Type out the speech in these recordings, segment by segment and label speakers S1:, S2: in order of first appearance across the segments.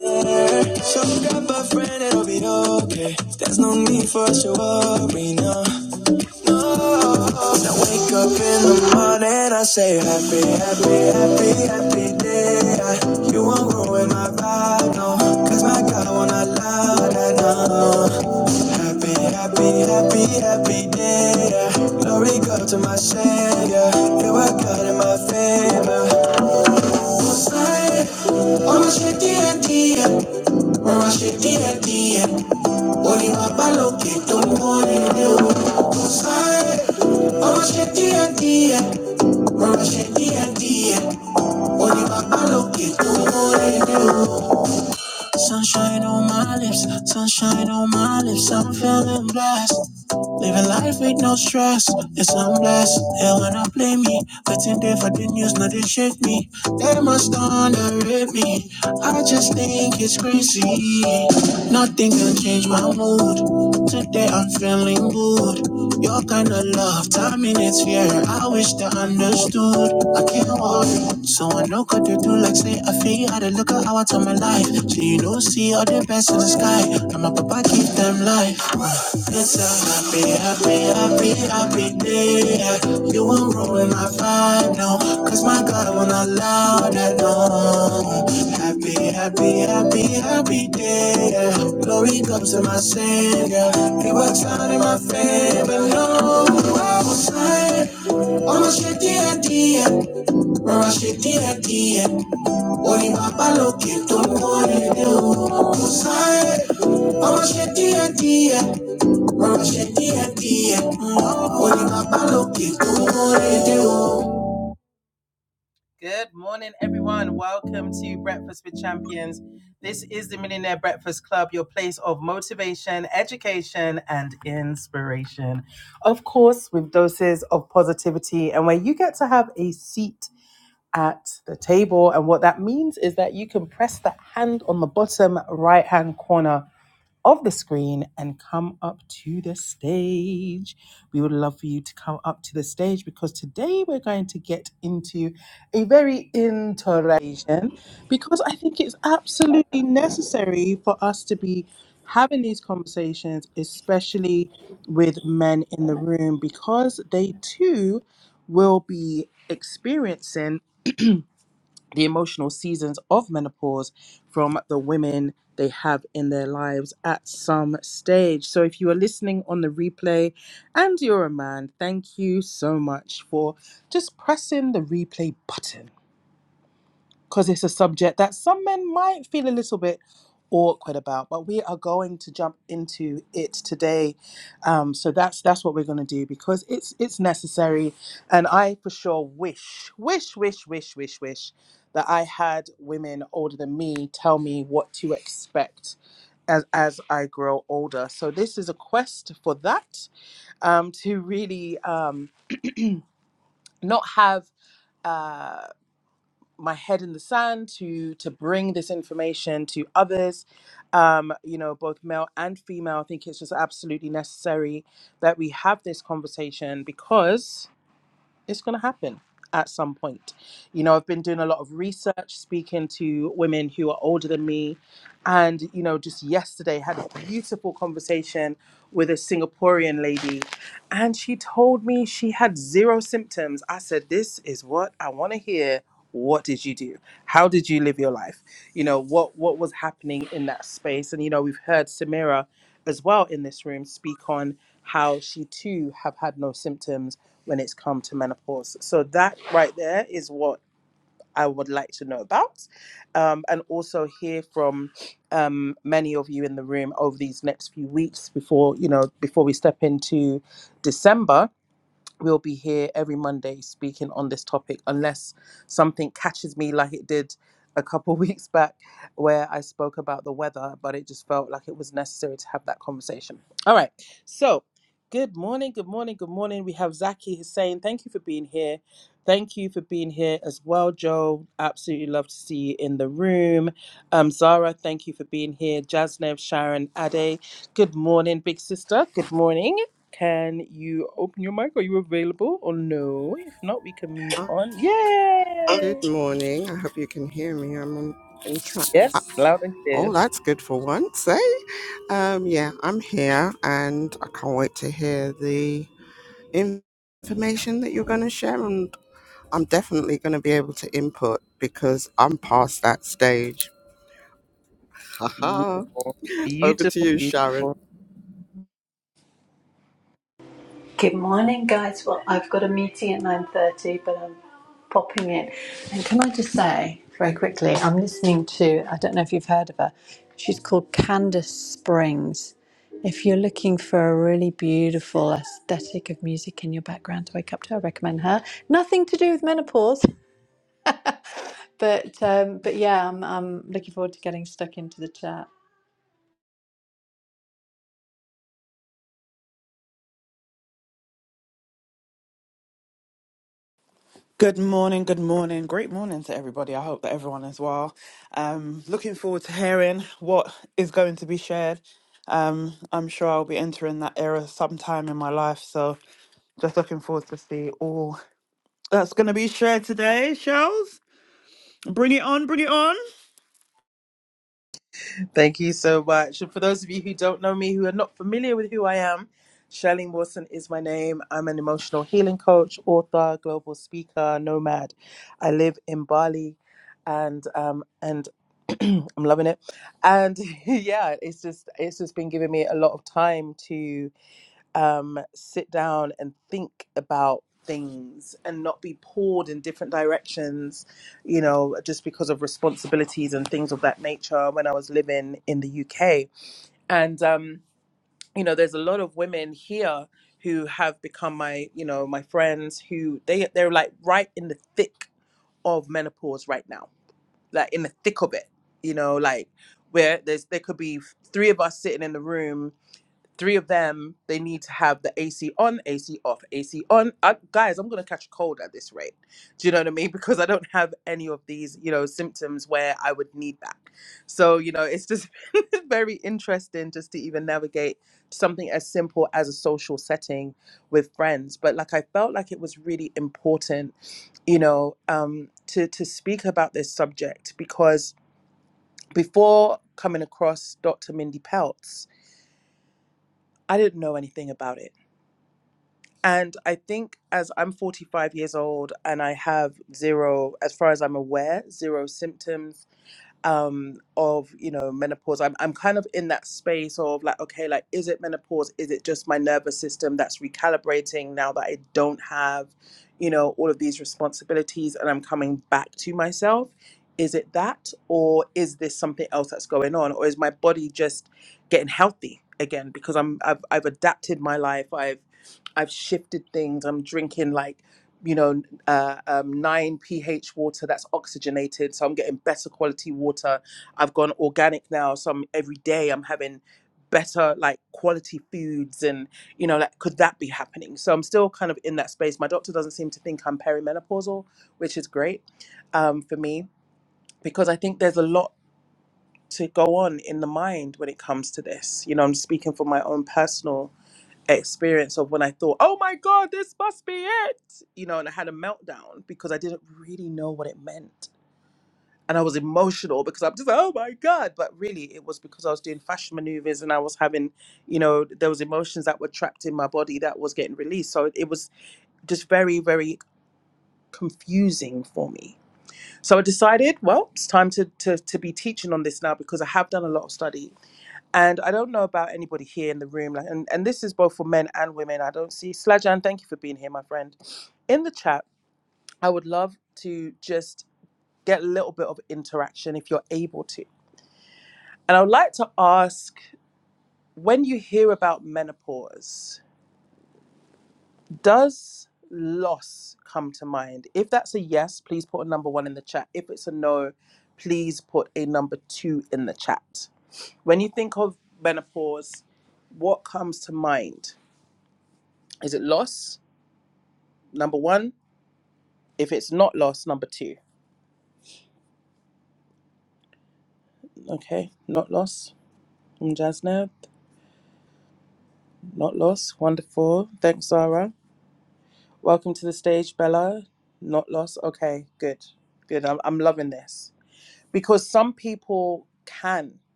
S1: So grab a friend, it'll be okay. There's no need for us to worry, no. No. Now wake up in the morning, I say happy, happy, happy, happy day. you won't ruin my vibe, no. Cause my God won't allow that, no. Happy, happy, happy, happy day. glory go to my Savior. It worked out in my favor slide. Ọmọ ṣe díẹ̀ díẹ̀, rọra ṣe díẹ̀ díẹ̀. Orí bàbá lókè tó ń wọ́n nílé o. Kò Oma sheti ṣe díẹ̀ díẹ̀, rọra ṣe díẹ̀ díẹ̀. tó ń Sunshine on my lips, sunshine on my lips. I'm feeling blessed. Living life with no stress, yes, I'm blessed. They wanna play me, waiting there for the news, now they shake me. They must underrate me. I just think it's crazy. Nothing think you change my mood. Today I'm feeling good. Your kind of love, time in its fear. I wish they understood. I can't worry. So I know what to do, like say I feel how to look at how I turn my life. So you know, see all the best in the sky. I'm up, I give them life. It's a happy, happy, happy, happy day. You won't ruin my vibe, no. Cause my God will not allow that, no. Happy, happy, happy, happy day. Glory comes to my Savior. He works out in my favor, no. I will say, I'm a shitty idea. I'm a shitty idea. Only my palo keep on calling you. I will say, I'm a shitty idea ọ̀rọ̀ ṣe díẹ̀díẹ̀. Mo ní bàbá lókè tó mórè dé
S2: Uh, Good morning. I hope you can hear me. I'm on, in track. Oh, that's good for once, eh? Um, yeah, I'm here and I can't wait to hear the in- information that you're going to share. And I'm definitely going to be able to input because I'm past that stage. Haha. Over to you, Sharon.
S3: Good morning, guys. Well, I've got a meeting at nine thirty, but I'm popping in. And can I just say very quickly, I'm listening to. I don't know if you've heard of her. She's called Candace Springs. If you're looking for a really beautiful aesthetic of music in your background to wake up to, I recommend her. Nothing to do with menopause, but um, but yeah, I'm, I'm looking forward to getting stuck into the chat.
S4: Good morning, good morning. Great morning to everybody. I hope that everyone is well. Um, looking forward to hearing what is going to be shared. Um, I'm sure I'll be entering that era sometime in my life. So just looking forward to see all that's going to be shared today, Shells. Bring it on, bring it on.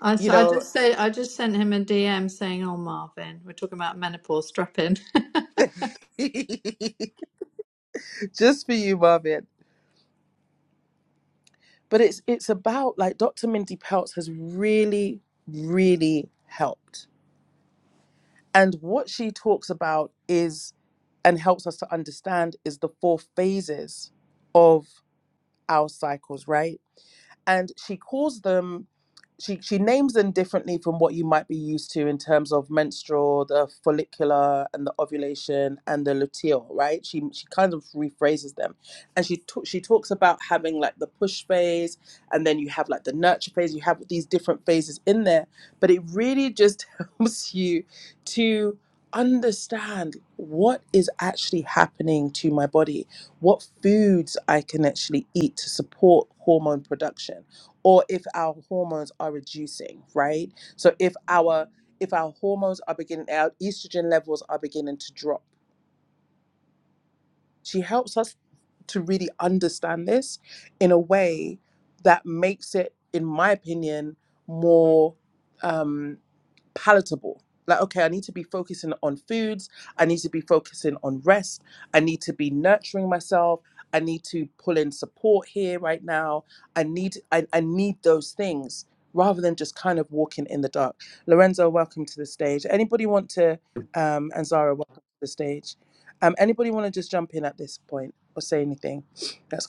S3: I, so I just said I just sent him a DM saying, "Oh Marvin, we're talking about menopause. Strap in."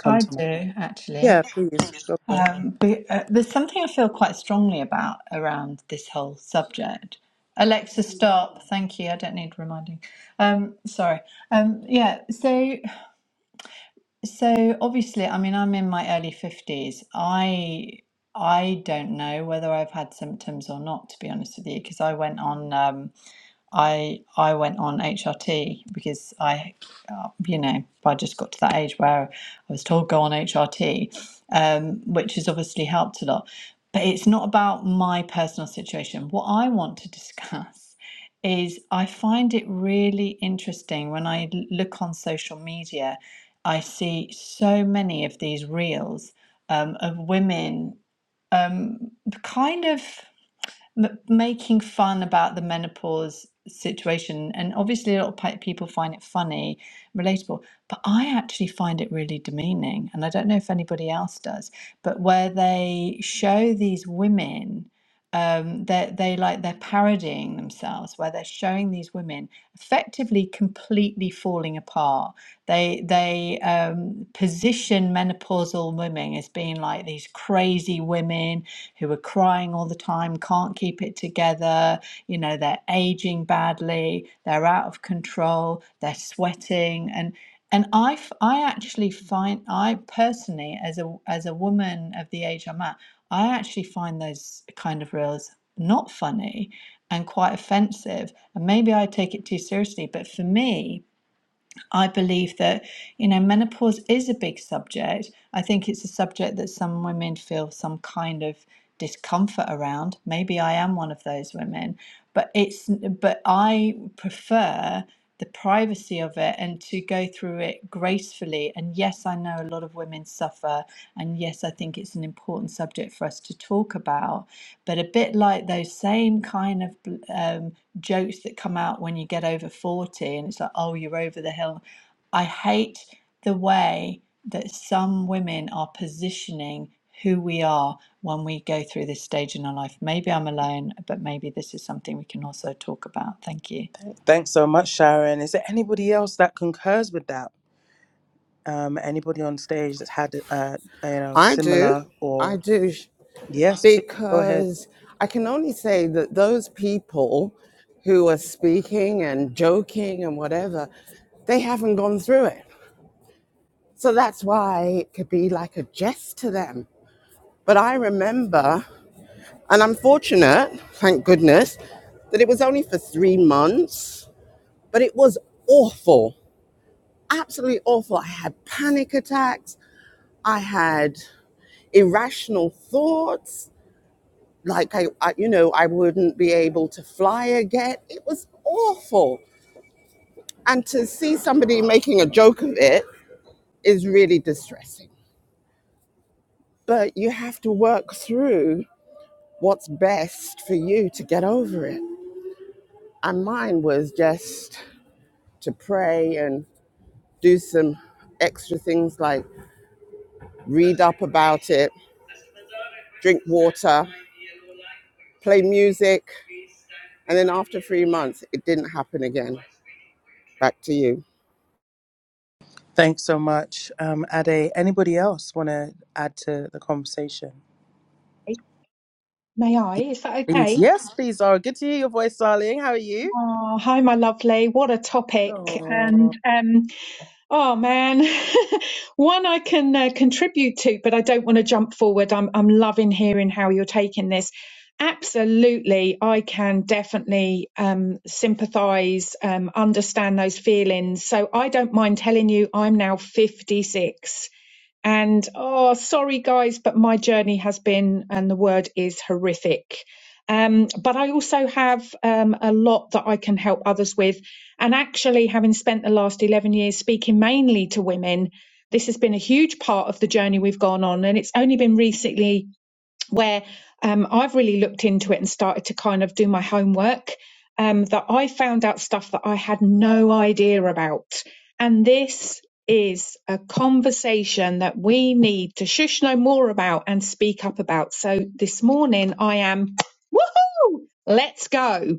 S3: I do actually. Um, be, uh, there's something I feel quite strongly about around this whole subject. Alexa, stop. Thank you. I don't need reminding. Um, sorry. Um, yeah. So, so obviously, I mean, I'm in my early fifties. I I don't know whether I've had symptoms or not, to be honest with you, because I went on. Um, I I went on HRT because I, uh, you know, I just got to that age where I was told go on HRT, um, which has obviously helped a lot. But it's not about my personal situation. What I want to discuss is I find it really interesting when I l- look on social media, I see so many of these reels um, of women um, kind of m- making fun about the menopause situation and obviously a lot of pe- people find it funny relatable but i actually find it really demeaning and i don't know if anybody else does but where they show these women um they they like they're parodying themselves where they're showing these women effectively completely falling apart they they um position menopausal women as being like these crazy women who are crying all the time, can't keep it together, you know, they're aging badly, they're out of control, they're sweating and and I I actually find I personally as a as a woman of the age I'm at, I actually find those kind of reels not funny and quite offensive. And maybe I take it too seriously, but for me, I believe that, you know, menopause is a big subject. I think it's a subject that some women feel some kind of discomfort around. Maybe I am one of those women, but it's but I prefer the privacy of it and to go through it gracefully. And yes, I know a lot of women suffer and yes, I think it's an important subject for us to talk about, but a bit like those same kind of um, jokes that come out when you get over 40 and it's like, oh, you're over the hill. I hate the way that some women are positioning who we are when we go through this stage in our life. Maybe I'm alone, but maybe this is something we can also talk about. Thank you.
S2: I do. I do. because I can only say that those people who are speaking and joking and whatever, they haven't gone through it. So that's why it could be like a jest to them. But I remember, and I'm fortunate, thank goodness, that it was only for three months, but it was awful, absolutely awful. I had panic attacks, I had irrational thoughts, like I, I you know i wouldn't be able to fly again it was awful and to see somebody making a joke of it is really distressing but you have to work through what's best for you to get over it and mine was just to pray and do some extra things like read up about it drink water play music and then after three months it didn't happen again back to you
S5: May I? Is that okay? Oh, hi, my lovely. What a topic. And um, oh man, one I can uh, contribute to, but I don't want to jump forward. I'm, I'm loving hearing how you're taking this. Absolutely. I can definitely um, sympathize, um, understand those feelings. So I don't mind telling you, I'm now 56. And oh, sorry guys, but my journey has been, and the word is horrific. Um, but I also have um, a lot that I can help others with. And actually, having spent the last 11 years speaking mainly to women, this has been a huge part of the journey we've gone on. And it's only been recently where um, I've really looked into it and started to kind of do my homework. Um, that I found out stuff that I had no idea about. And this is a conversation that we need to shush no more about and speak up about. So this morning I am, woohoo, let's go.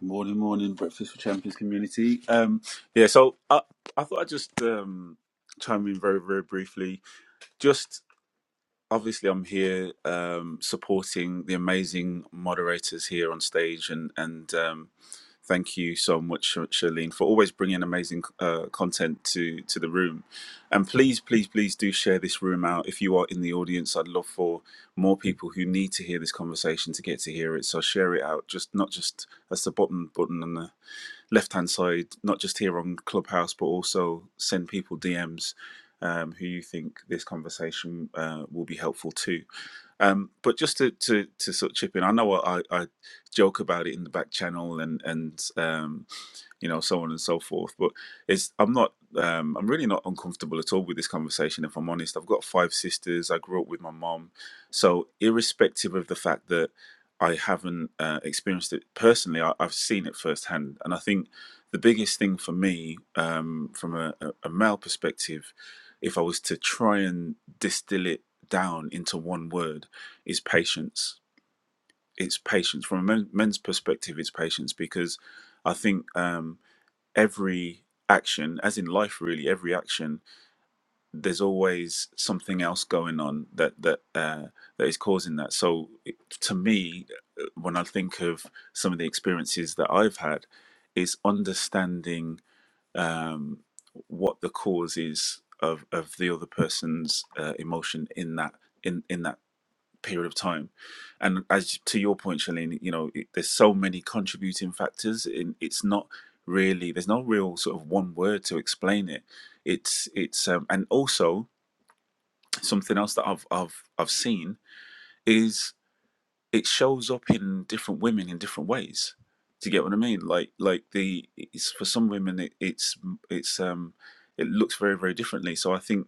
S6: Morning, morning, breakfast for champions community. Um, yeah, so I, I thought I'd just um, chime in very, very briefly. Just obviously, I'm here um, supporting the amazing moderators here on stage, and and um, thank you so much, Sh- Charlene, for always bringing amazing uh, content to to the room. And please, please, please do share this room out. If you are in the audience, I'd love for more people who need to hear this conversation to get to hear it. So share it out, just not just that's the bottom button on the left hand side, not just here on Clubhouse, but also send people DMs um, who you think this conversation uh, will be helpful to. Um, but just to, to to sort of chip in, I know I, I joke about it in the back channel and and um, you know so on and so forth. But it's I'm not um, I'm really not uncomfortable at all with this conversation. If I'm honest, I've got five sisters. I grew up with my mom, so irrespective of the fact that I haven't uh, experienced it personally. I, I've seen it firsthand, and I think the biggest thing for me, um, from a, a a male perspective, if I was to try and distill it down into one word, is patience. It's patience. From a men, men's perspective, it's patience because I think um, every action, as in life, really, every action there's always something else going on that that uh, that is causing that. So it- to me, uh, when I think of some of the experiences that I've had, is understanding um, what the cause is of of the other person's uh, emotion in that in in that period of time. And as to your point, Shalene, you know, it, there's so many contributing factors. In it's not really there's no real sort of one word to explain it. It's it's um, and also something else that I've I've I've seen is it shows up in different women in different ways. Do you get what I mean? Like like the it's for some women it, it's it's um it looks very very differently. So I think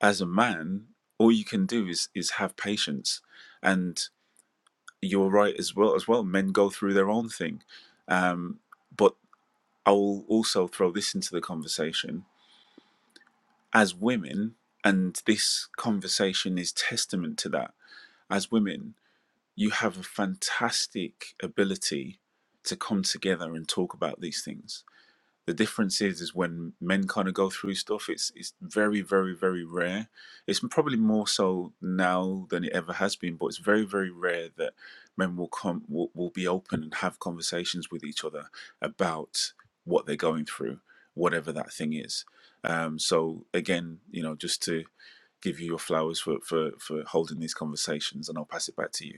S6: as a man, all you can do is is have patience, and you're right as well as well. Men go through their own thing, um, but I'll also throw this into the conversation as women, and this conversation is testament to that. As women, you have a fantastic ability to come together and talk about these things. The difference is, is when men kind of go through stuff, it's it's very, very, very rare. It's probably more so now than it ever has been, but it's very, very rare that men will come will, will be open and have conversations with each other about what they're going through, whatever that thing is. Um, so again, you know, just to give you your flowers for for for holding these conversations, and I'll pass it back to you.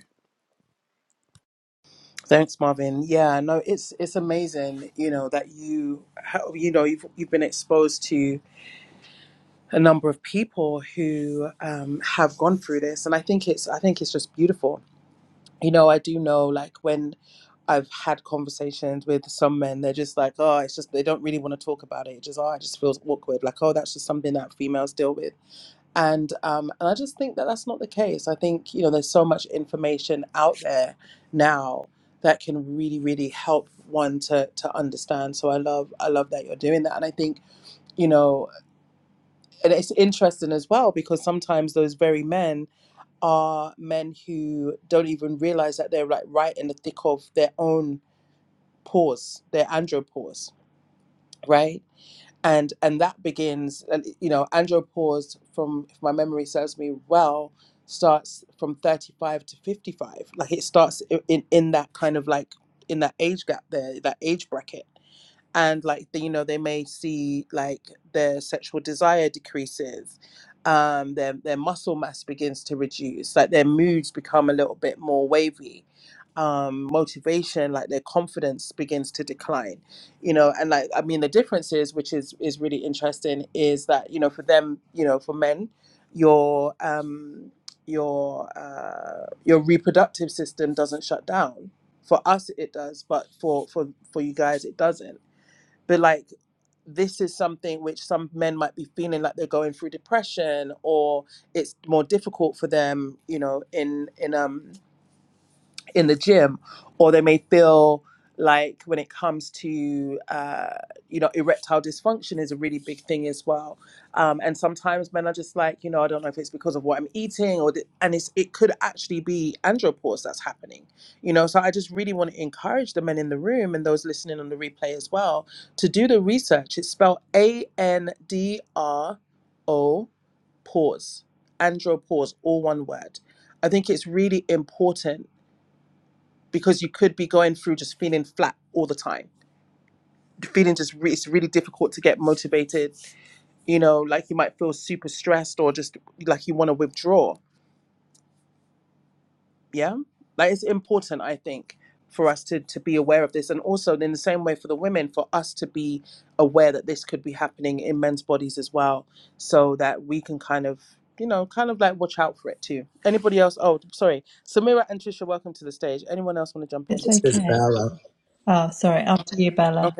S3: It's
S7: This is
S3: okay.
S7: Bella.
S3: Oh, sorry. After you, Bella.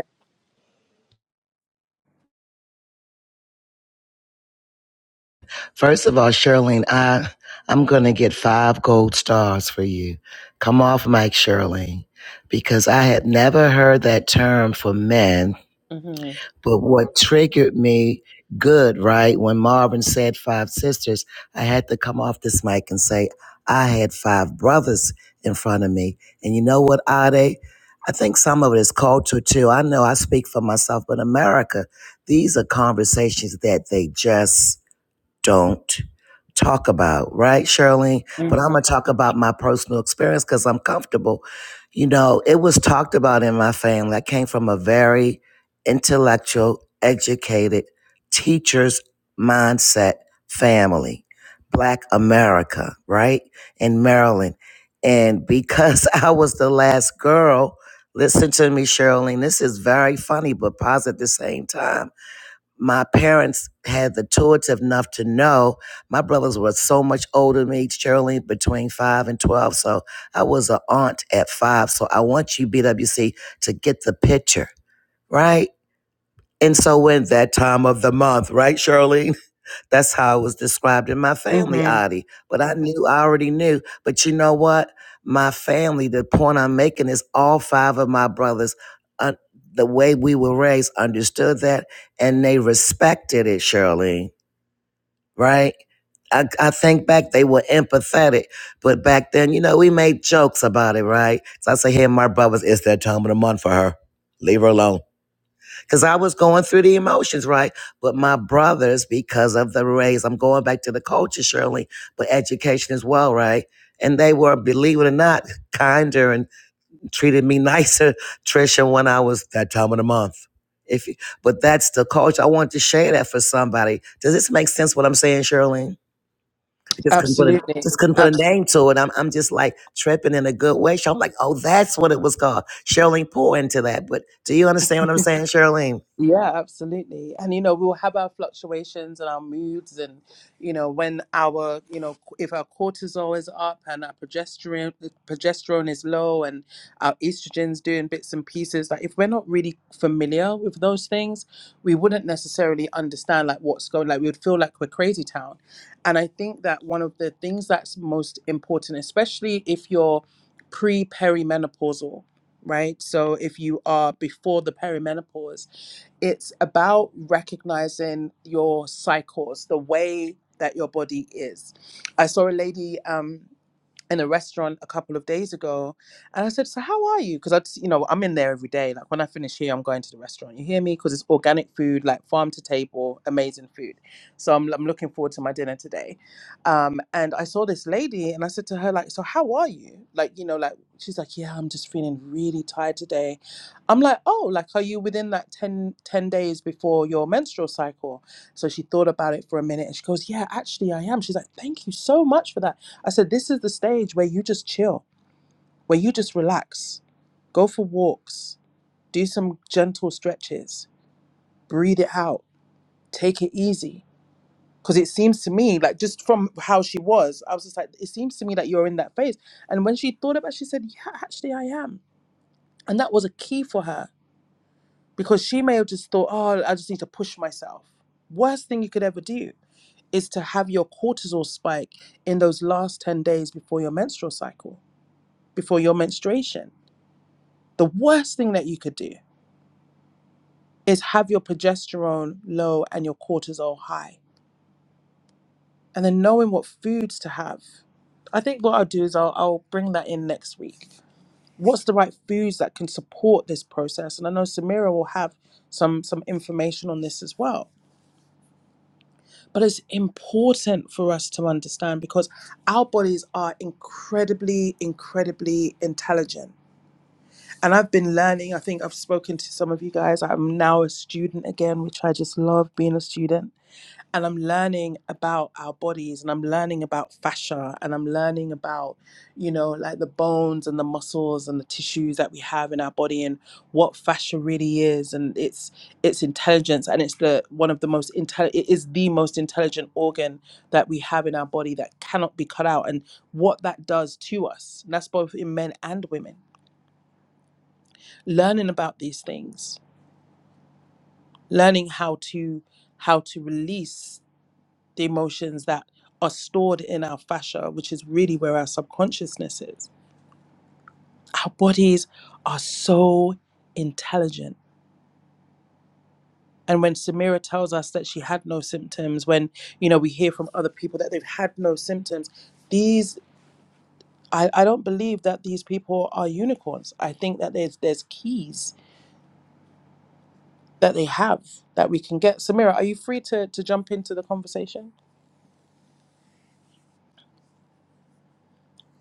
S7: First of all, Shirlene, I I'm gonna get five gold stars for you. Come off Mike Shirlene, because I had never heard that term for men. But what triggered me good, right? When Marvin said five sisters, I had to come off this mic and say I had five brothers in front of me. And you know what, Ade? I think some of it is culture too. I know I speak for myself, but America, these are conversations that they just don't talk about, right, Shirley? But I'm gonna talk about my personal experience because I'm comfortable. You know, it was talked about in my family. I came from a very intellectual, educated, teacher's mindset family, Black America, right, in Maryland. And because I was the last girl, listen to me, Shirley, this is very funny, but positive at the same time my parents had the intuitive enough to know my brothers were so much older than me, Shirley, between five and 12. So I was an aunt at five. So I want you, BWC, to get the picture, right? And so when that time of the month, right, Shirley? That's how it was described in my family, Adi. But I knew, I already knew. But you know what? My family, the point I'm making is all five of my brothers, uh, the way we were raised, understood that and they respected it, Shirley, right? I, I think back, they were empathetic. But back then, you know, we made jokes about it, right? So I say, hey, my brothers, it's that time of the month for her. Leave her alone because I was going through the emotions, right? But my brothers, because of the race, I'm going back to the culture, Shirley, but education as well, right? And they were, believe it or not, kinder and treated me nicer, Trisha, when I was that time of the month. If you, but that's the culture. I want to share that for somebody. Does this make sense? What I'm saying, Shirley? I just couldn't put a just couldn't put a name to it. I'm I'm just like tripping in a good way. So I'm like, oh, that's what it was called. Shirley, pour into that. But do you understand what I'm saying, Shirley?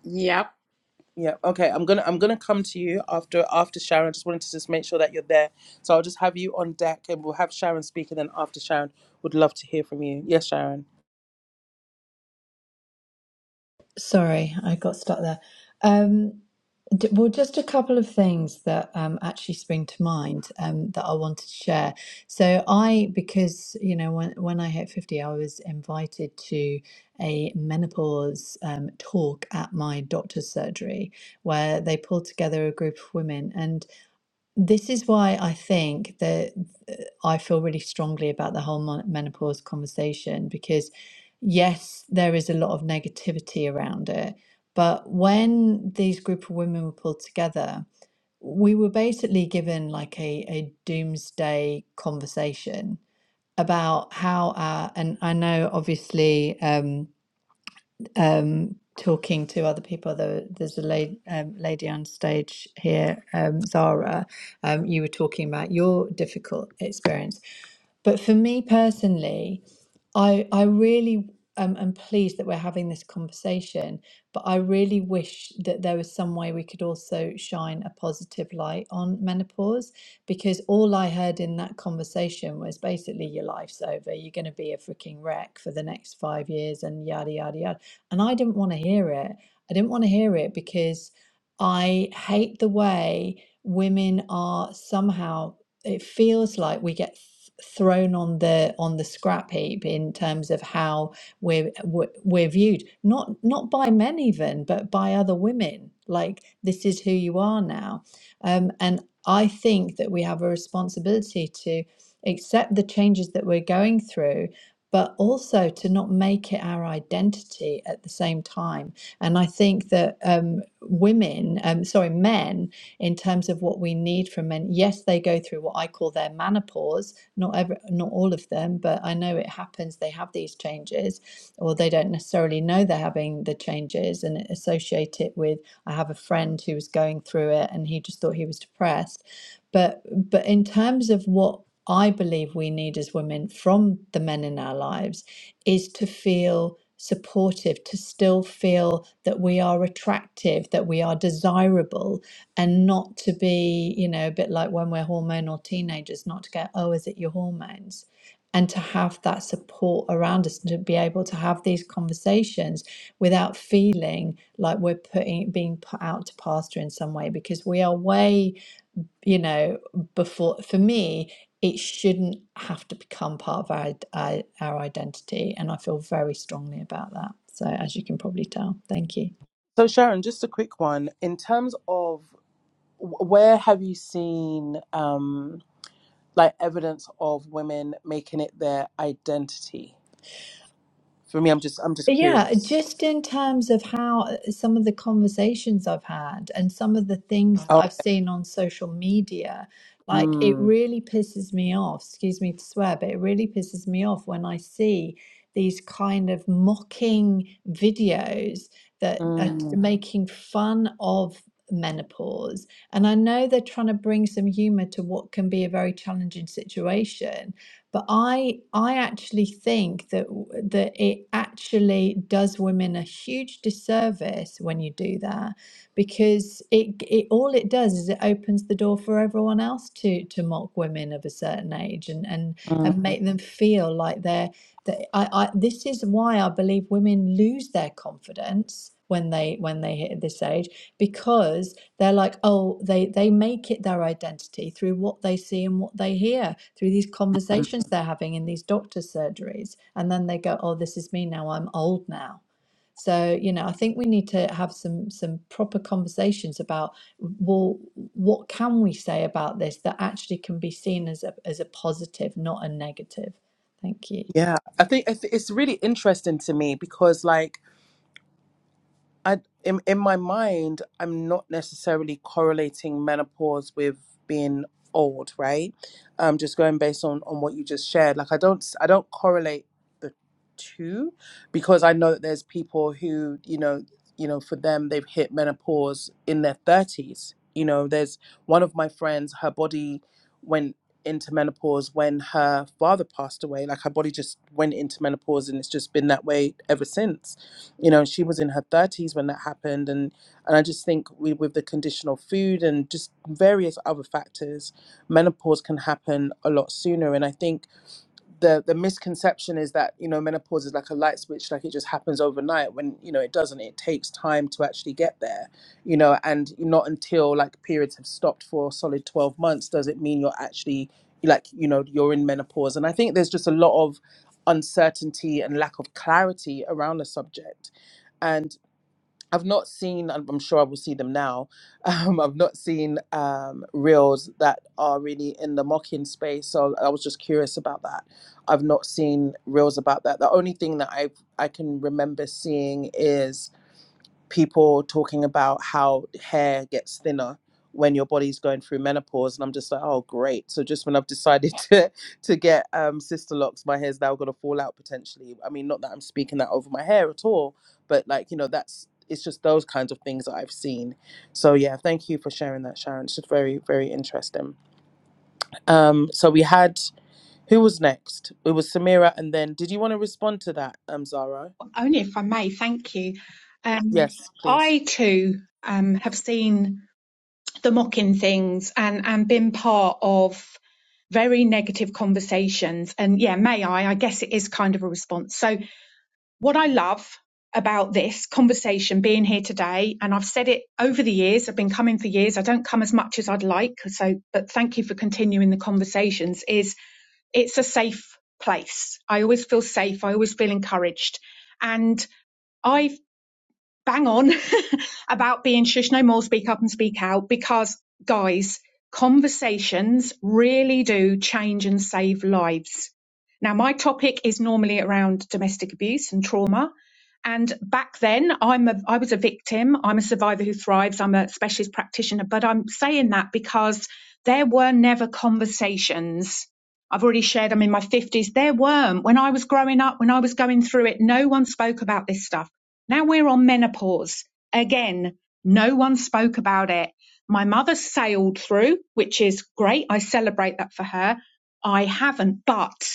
S8: Yep.
S3: Sorry, I got stuck there. Um, D- Well, just a couple of things that um, actually spring to mind um, that I wanted to share. So I, because you know, when when I hit fifty, I was invited to a menopause um, talk at my doctor's surgery, where they pulled together a group of women, this is why I think that uh, I feel really strongly about the whole mon- menopause conversation because, yes, there is a lot of negativity around it. But when these group of women were pulled together, we were basically given like a, a doomsday conversation about how, our, and I know obviously. Um, um, talking to other people. there's a lady, um, lady on stage here, um, Zara. Um, you were talking about your difficult experience. But for me personally, I I really um, am pleased that we're having this conversation, but I really wish that there was some way we could also shine a positive light on menopause because all I heard in that conversation was basically your life's over, you're going to be a freaking wreck for the next five years and yada yada yada. And I didn't want to hear it. I didn't want to hear it because I hate the way women are somehow it feels like we get thrown on the on the scrap heap in terms of how we're we're we're viewed not not by men even but by other women like this is who you are now um, and i think that we have a responsibility to accept the changes that we're going through but also to not make it our identity at the same time and i think that um, women um, sorry men in terms of what we need from men. Yes, they go through what I call their menopause. Not every, not all of them, but I know it happens. They have these changes, or they don't necessarily know they're having the changes and associate it with. I have a friend who was going through it, and he just thought he was depressed. But but in terms of what I believe we need as women from the men in our lives is to feel supportive, to still feel that we are attractive, that we are desirable, and not to be, you know, a bit like when we're hormonal teenagers, not to get, oh, is it your hormones? And to have that support around us and to be able to have these conversations without feeling like we're putting being put out to pasture in some way because we are way, you know, before for me, it shouldn't have to become part of our, our, our identity. And I feel very strongly about that. So as you can probably tell, thank you. Yeah, just in terms of how uh, some of the conversations I've had and some of the things that I've seen on social media, like it really pisses me off, excuse me to swear, but it really pisses me off when I see these kind of mocking videos that are making fun of menopause. And I know they're trying to bring some humor to what can be a very challenging situation, but I I actually think that that it actually does women a huge disservice when you do that because it it all it does is it opens the door for everyone else to to mock women of a certain age and and and make them feel like they're that I, I this is why I believe women lose their confidence when they when they hit this age because they're like oh they they make it their identity through what they see and what they hear through these conversations they're having in these doctor surgeries and then they go oh this is me now i'm old now so you know i think we need to have some some proper conversations about well what can we say about this that actually can be seen as a as a positive not a negative thank you
S5: Only if I may, thank you. Um, I too um, have seen. the mocking things and and been part of very negative conversations and yeah may i i guess it is kind of a response so what i love about this conversation being here today and i've said it over the years i've been coming for years i don't come as much as i'd like so but thank you for continuing the conversations is it's a safe place i always feel safe i always feel encouraged and i bang on about being shush no more, speak up and speak out because, guys, conversations really do change and save lives. Now, my topic is normally around domestic abuse and trauma. And back then, I'm a, I was a victim. I'm a survivor who thrives. I'm a specialist practitioner, but I'm saying that because there were never conversations. I've already shared I'm in my 50s. There weren't. When I was growing up, when I was going through it, no one spoke about this stuff now we're on menopause. Again, no one spoke about it. My mother sailed through, which is great. I celebrate that for her. I haven't, but,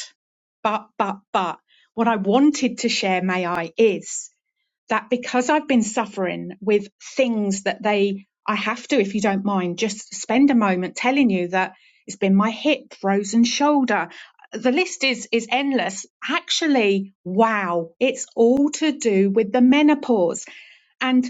S5: but, but, but, what I wanted to share, may I, is that because I've been suffering with things that they, I have to, if you don't mind, just spend a moment telling you that it's been my hip, frozen shoulder. The list is is endless. Actually, wow, it's all to do with the menopause. and.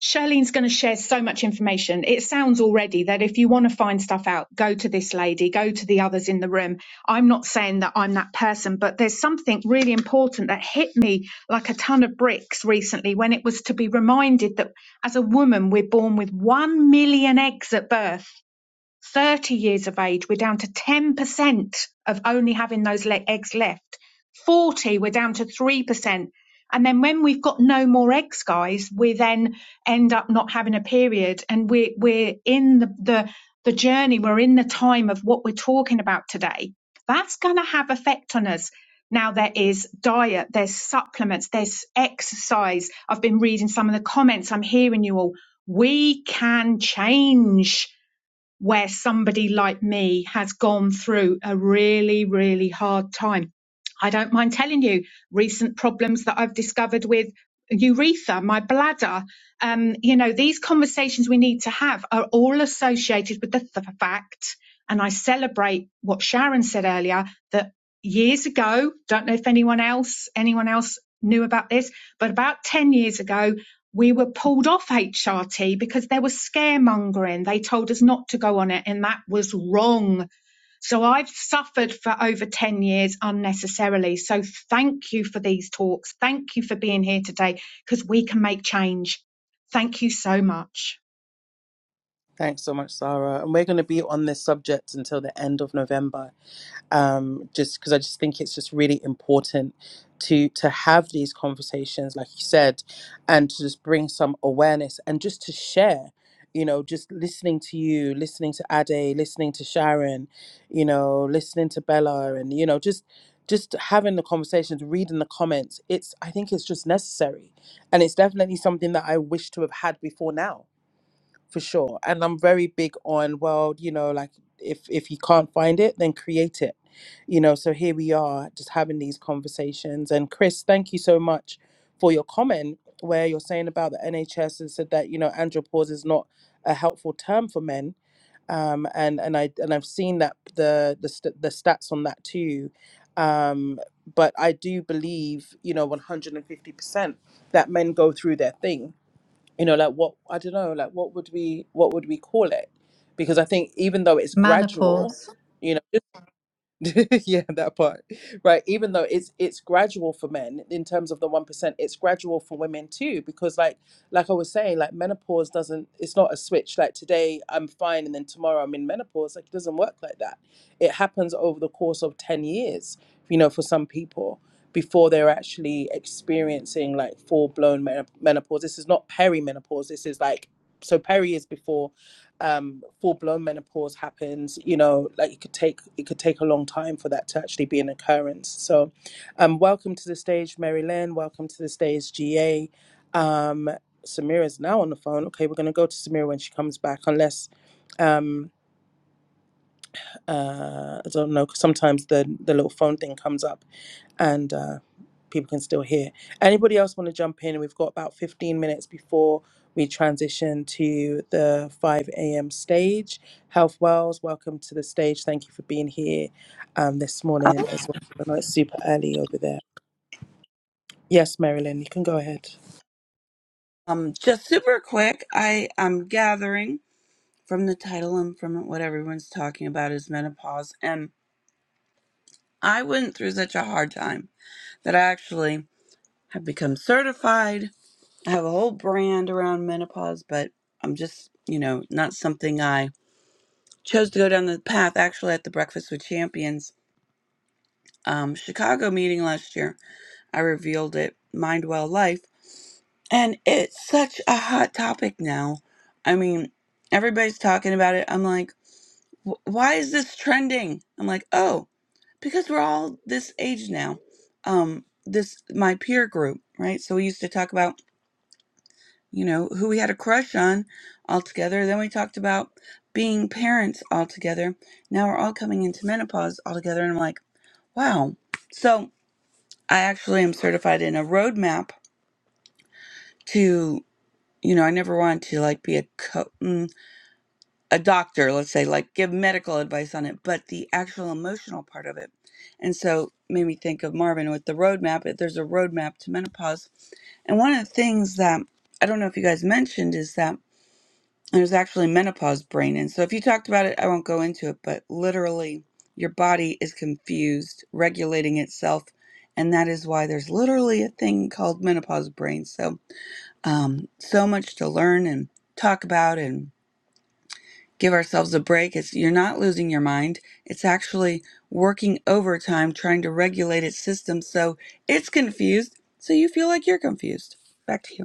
S5: Charlene's going to share so much information. It sounds already that if you want to find stuff out, go to this lady, go to the others in the room. I'm not saying that I'm that person, but there's something really important that hit me like a ton of bricks recently when it was to be reminded that as a woman, we're born with one million eggs at birth 30 years of age, we're down to 10% of only having those le- eggs left. 40, we're down to 3%. And then when we've got no more eggs, guys, we then end up not having a period. And we're, we're in the, the, the journey, we're in the time of what we're talking about today. That's going to have effect on us. Now there is diet, there's supplements, there's exercise. I've been reading some of the comments. I'm hearing you all. We can change where somebody like me has gone through a really, really hard time. I don't mind telling you recent problems that I've discovered with urethra, my bladder. Um, you know, these conversations we need to have are all associated with the th- fact, and I celebrate what Sharon said earlier that years ago, don't know if anyone else, anyone else knew about this, but about 10 years ago, we were pulled off HRT because there was scaremongering. They told us not to go on it, and that was wrong. So I've suffered for over 10 years unnecessarily. So thank you for these talks. Thank you for being here today because we can make change. Thank you so much.
S3: menopause
S9: Oh, um, just super quick. I am gathering from the title and from what everyone's talking about is menopause, and I went through such a hard time that I actually have become certified. I have a whole brand around menopause, but I'm just, you know, not something I chose to go down the path. Actually, at the Breakfast with Champions um, Chicago meeting last year, I revealed it. Mind Well Life And it's such a hot topic now. I mean, everybody's talking about it. I'm like, "Wh- why is this trending? I'm like, oh, because we're all this age now. Um, this my peer group, right? So we used to talk about, you know, who we had a crush on all together. Then we talked about being parents all together. Now we're all coming into menopause all together, and I'm like, wow. So I actually am certified in a roadmap to, you know, I never wanted to like be a coach. a doctor, let's say, like give medical advice on it, but the actual emotional part of it. And so made me think of Marvin with the roadmap. If there's a roadmap to menopause, and one of the things that I don't know if you guys mentioned is that there's actually menopause brain. And so if you talked about it, I won't go into it, but literally your body is confused, regulating itself. And that is why there's literally a thing called menopause brain. So, um, so much to learn and talk about. and give ourselves a break. It's you're not losing your mind. It's actually working overtime trying to regulate its system so it's confused, so you feel like you're confused. Back to you.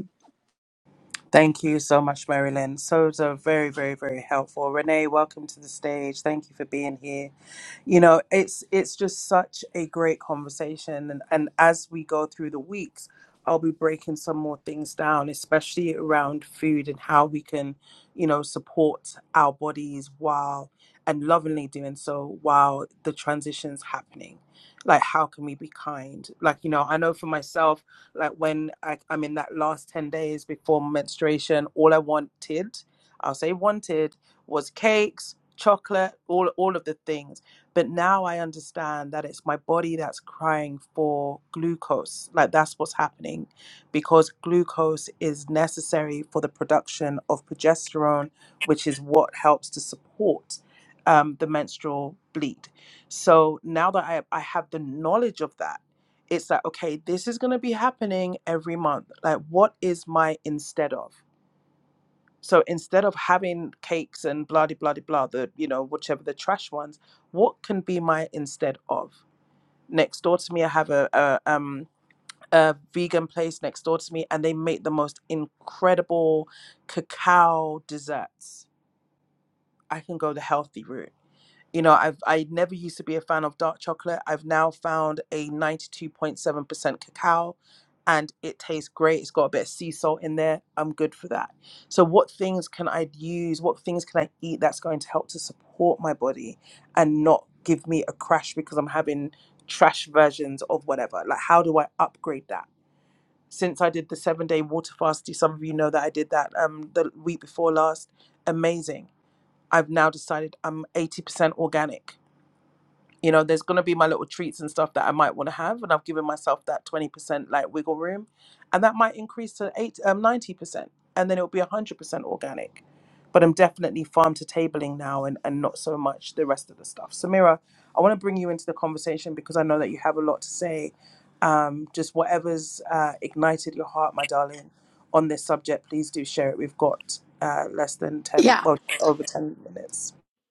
S8: Yeah.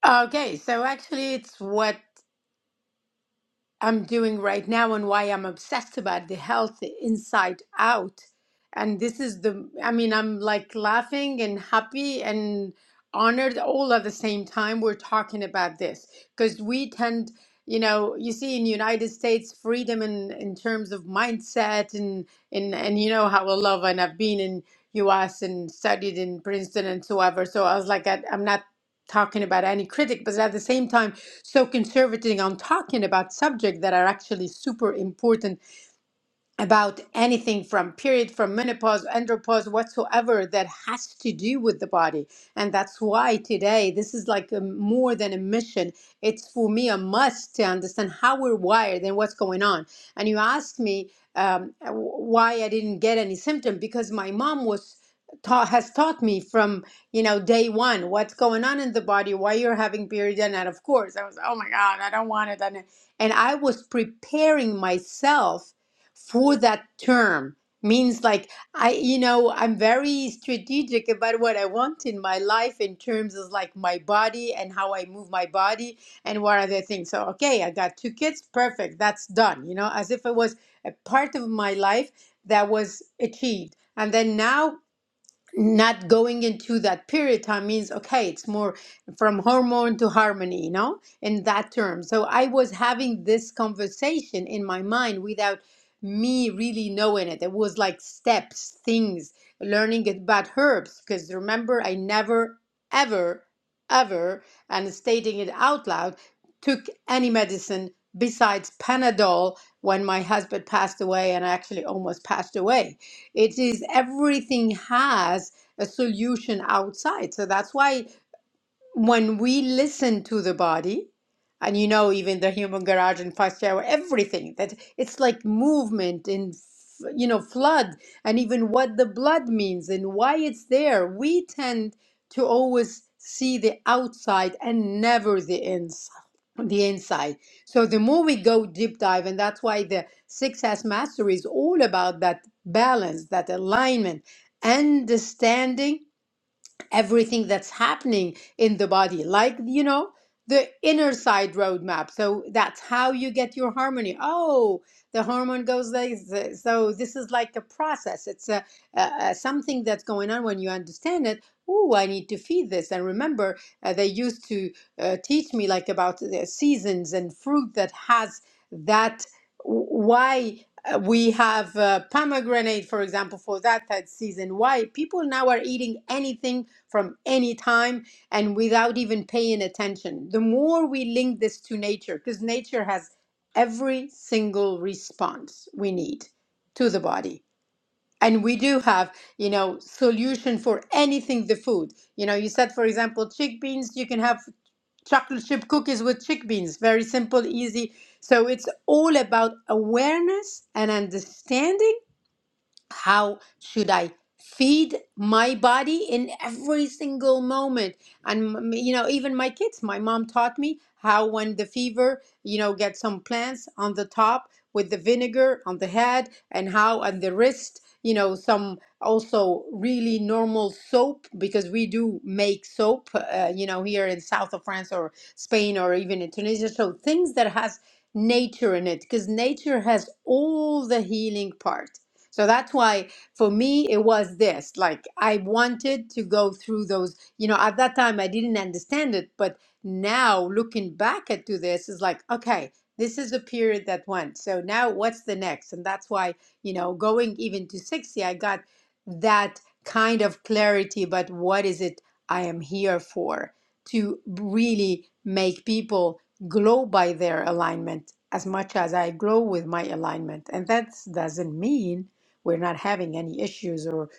S8: Okay. So actually, it's what. I'm doing right now and why I'm obsessed about the health inside out. And this is the, I mean, I'm like laughing and happy and honored all at the same time we're talking about this because we tend, you know, you see in United States freedom in, in terms of mindset and, and, and you know how I love and I've been in US and studied in Princeton and so ever. So I was like, I, I'm not talking about any critic, but at the same time, so conservative on talking about subjects that are actually super important about anything from period, from menopause, andropause, whatsoever that has to do with the body. And that's why today this is like a, more than a mission. It's for me a must to understand how we're wired and what's going on. And you asked me um, w- why I didn't get any symptom because my mom was taught has taught me from you know day one what's going on in the body why you're having period and that of course i was oh my god i don't want it and, and i was preparing myself for that term means like i you know i'm very strategic about what i want in my life in terms of like my body and how i move my body and what other things so okay i got two kids perfect that's done you know as if it was a part of my life that was achieved and then now not going into that period time means okay it's more from hormone to harmony you know in that term so i was having this conversation in my mind without me really knowing it it was like steps things learning about herbs because remember i never ever ever and stating it out loud took any medicine besides panadol when my husband passed away and i actually almost passed away it is everything has a solution outside. So that's why when we listen to the body, and you know, even the human garage and fast shower, everything that it's like movement in, f- you know, flood, and even what the blood means and why it's there. We tend to always see the outside and never the inside the inside. So the more we go deep dive, and that's why the six S mastery is all about that balance, that alignment, understanding everything that's happening in the body, like, you know, the inner side roadmap. So that's how you get your harmony. Oh, the hormone goes like this. So this is like a process. It's a, a, a something that's going on when you understand it. Oh, I need to feed this. And remember, uh, they used to uh, teach me like about the seasons and fruit that has that. Why? Uh, we have uh, pomegranate, for example, for that that season. Why people now are eating anything from any time and without even paying attention. The more we link this to nature, because nature has every single response we need to the body. And we do have, you know, solution for anything the food. You know, you said, for example, chickpeas, you can have chocolate chip cookies with chickpeas. Very simple, easy. So it's all about awareness and understanding how should I feed my body in every single moment? And m- you know, even my kids, my mom taught me how when the fever, you know, get some plants on the top with the vinegar on the head and how on the wrist, you know, some also really normal soap because we do make soap, uh, you know, here in south of France or Spain or even in Tunisia. So things that has nature in it because nature has all the healing part so that's why for me it was this. Like I wanted to go through those, you know, at that time I didn't understand it, but now looking back at to this is like, okay, this is the period that went. So now what's the next? And that's why, you know, going even to 60, I got that kind of clarity, but what is it I am here for? To really make people glow by their alignment as much as I glow with my alignment. And that doesn't mean we're not having any issues or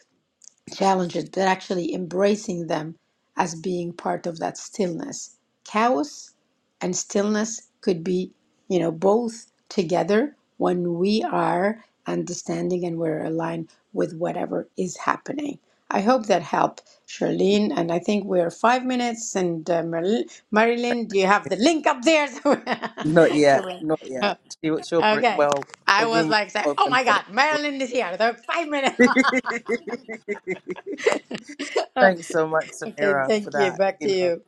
S8: challenges, but actually embracing them as being part of that stillness. Chaos and stillness could be, you know, both together when we are understanding and we're aligned with whatever is happening. I hope that helped, Charlene. And I think we're five minutes. And uh, Maril- Marilyn, do you have the link up there? So, so we- oh, okay. I was like, say, oh my God, Marilyn is here. There five minutes. okay, thank you. Back to you.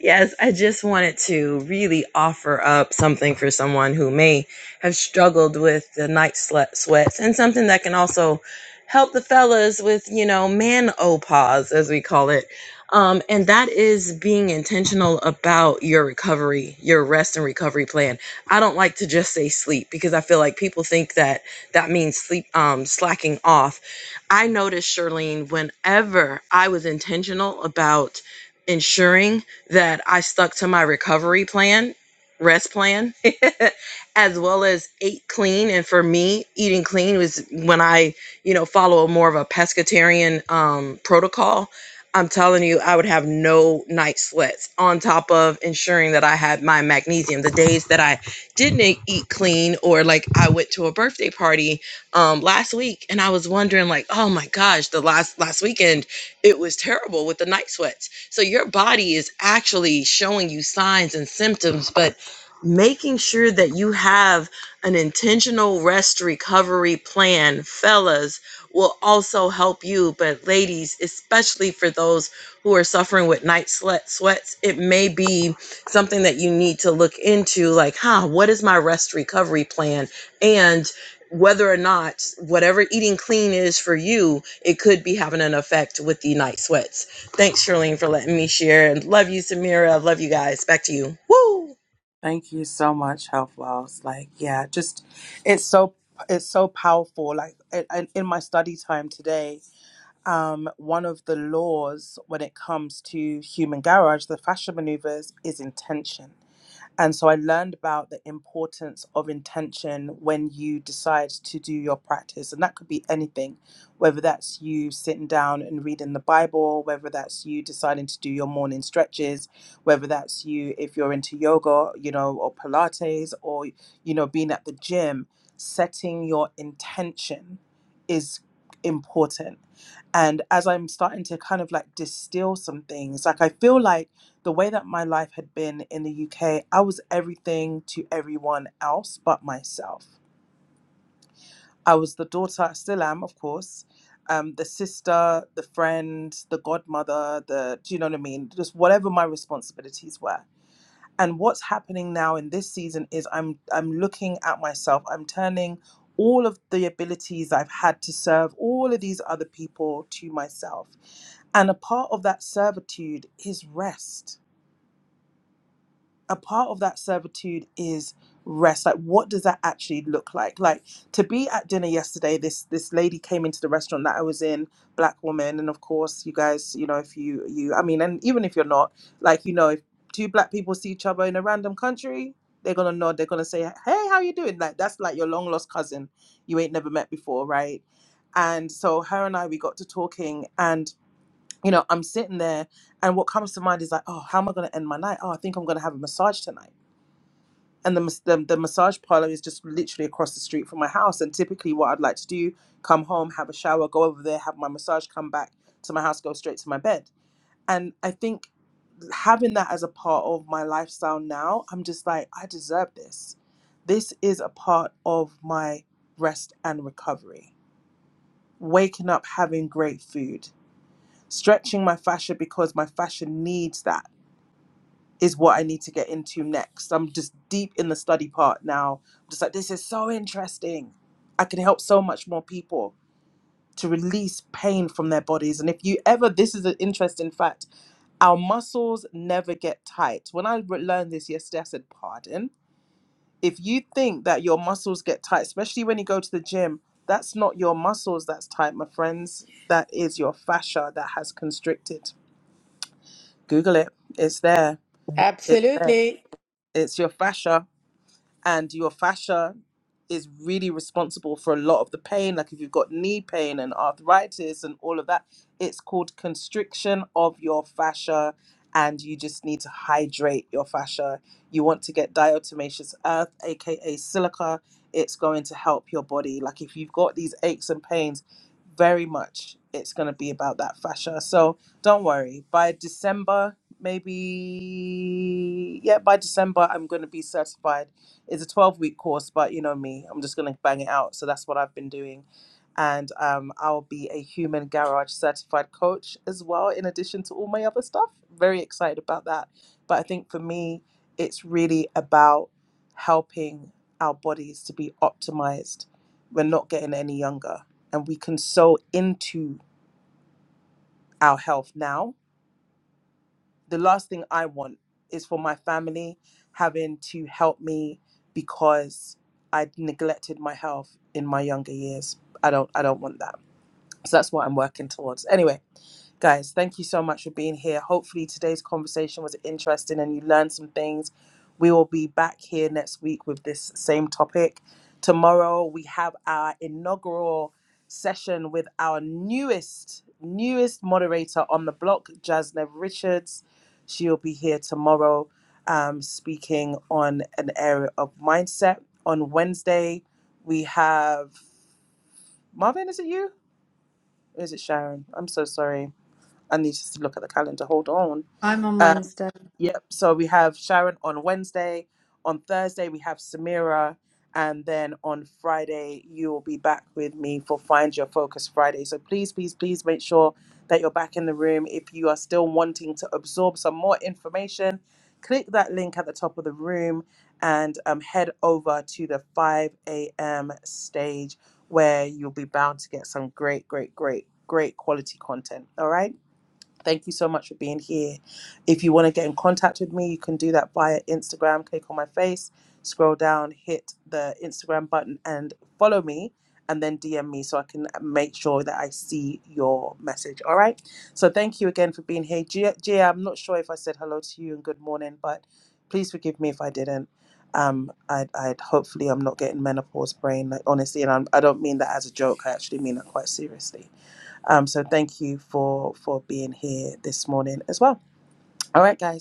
S10: Yes, I just wanted to really offer up something for someone who may have struggled with the night sle- sweats and something that can also help the fellas with, you know, man pause as we call it. Um, and that is being intentional about your recovery, your rest and recovery plan. I don't like to just say sleep because I feel like people think that that means sleep, um, slacking off. I noticed, Charlene, whenever I was intentional about, ensuring that I stuck to my recovery plan, rest plan, as well as ate clean. And for me, eating clean was when I, you know, follow more of a pescatarian um, protocol. I'm telling you, I would have no night sweats on top of ensuring that I had my magnesium. The days that I didn't e- eat clean, or like I went to a birthday party um, last week and I was wondering, like, oh my gosh, the last last weekend it was terrible with the night sweats so your body is actually showing you signs and symptoms, but making sure that you have an intentional rest recovery plan, fellas, will also help you. But ladies, especially for those who are suffering with night sweats, it may be something that you need to look into like, huh, what is my rest recovery plan? And whether or not whatever eating clean is for you, it could be having an effect with the night sweats Thanks, Charlene, for letting me share. And love you, Samira. Love you guys. Back to you. Woo!
S8: Absolutely.
S3: i'm on wednesday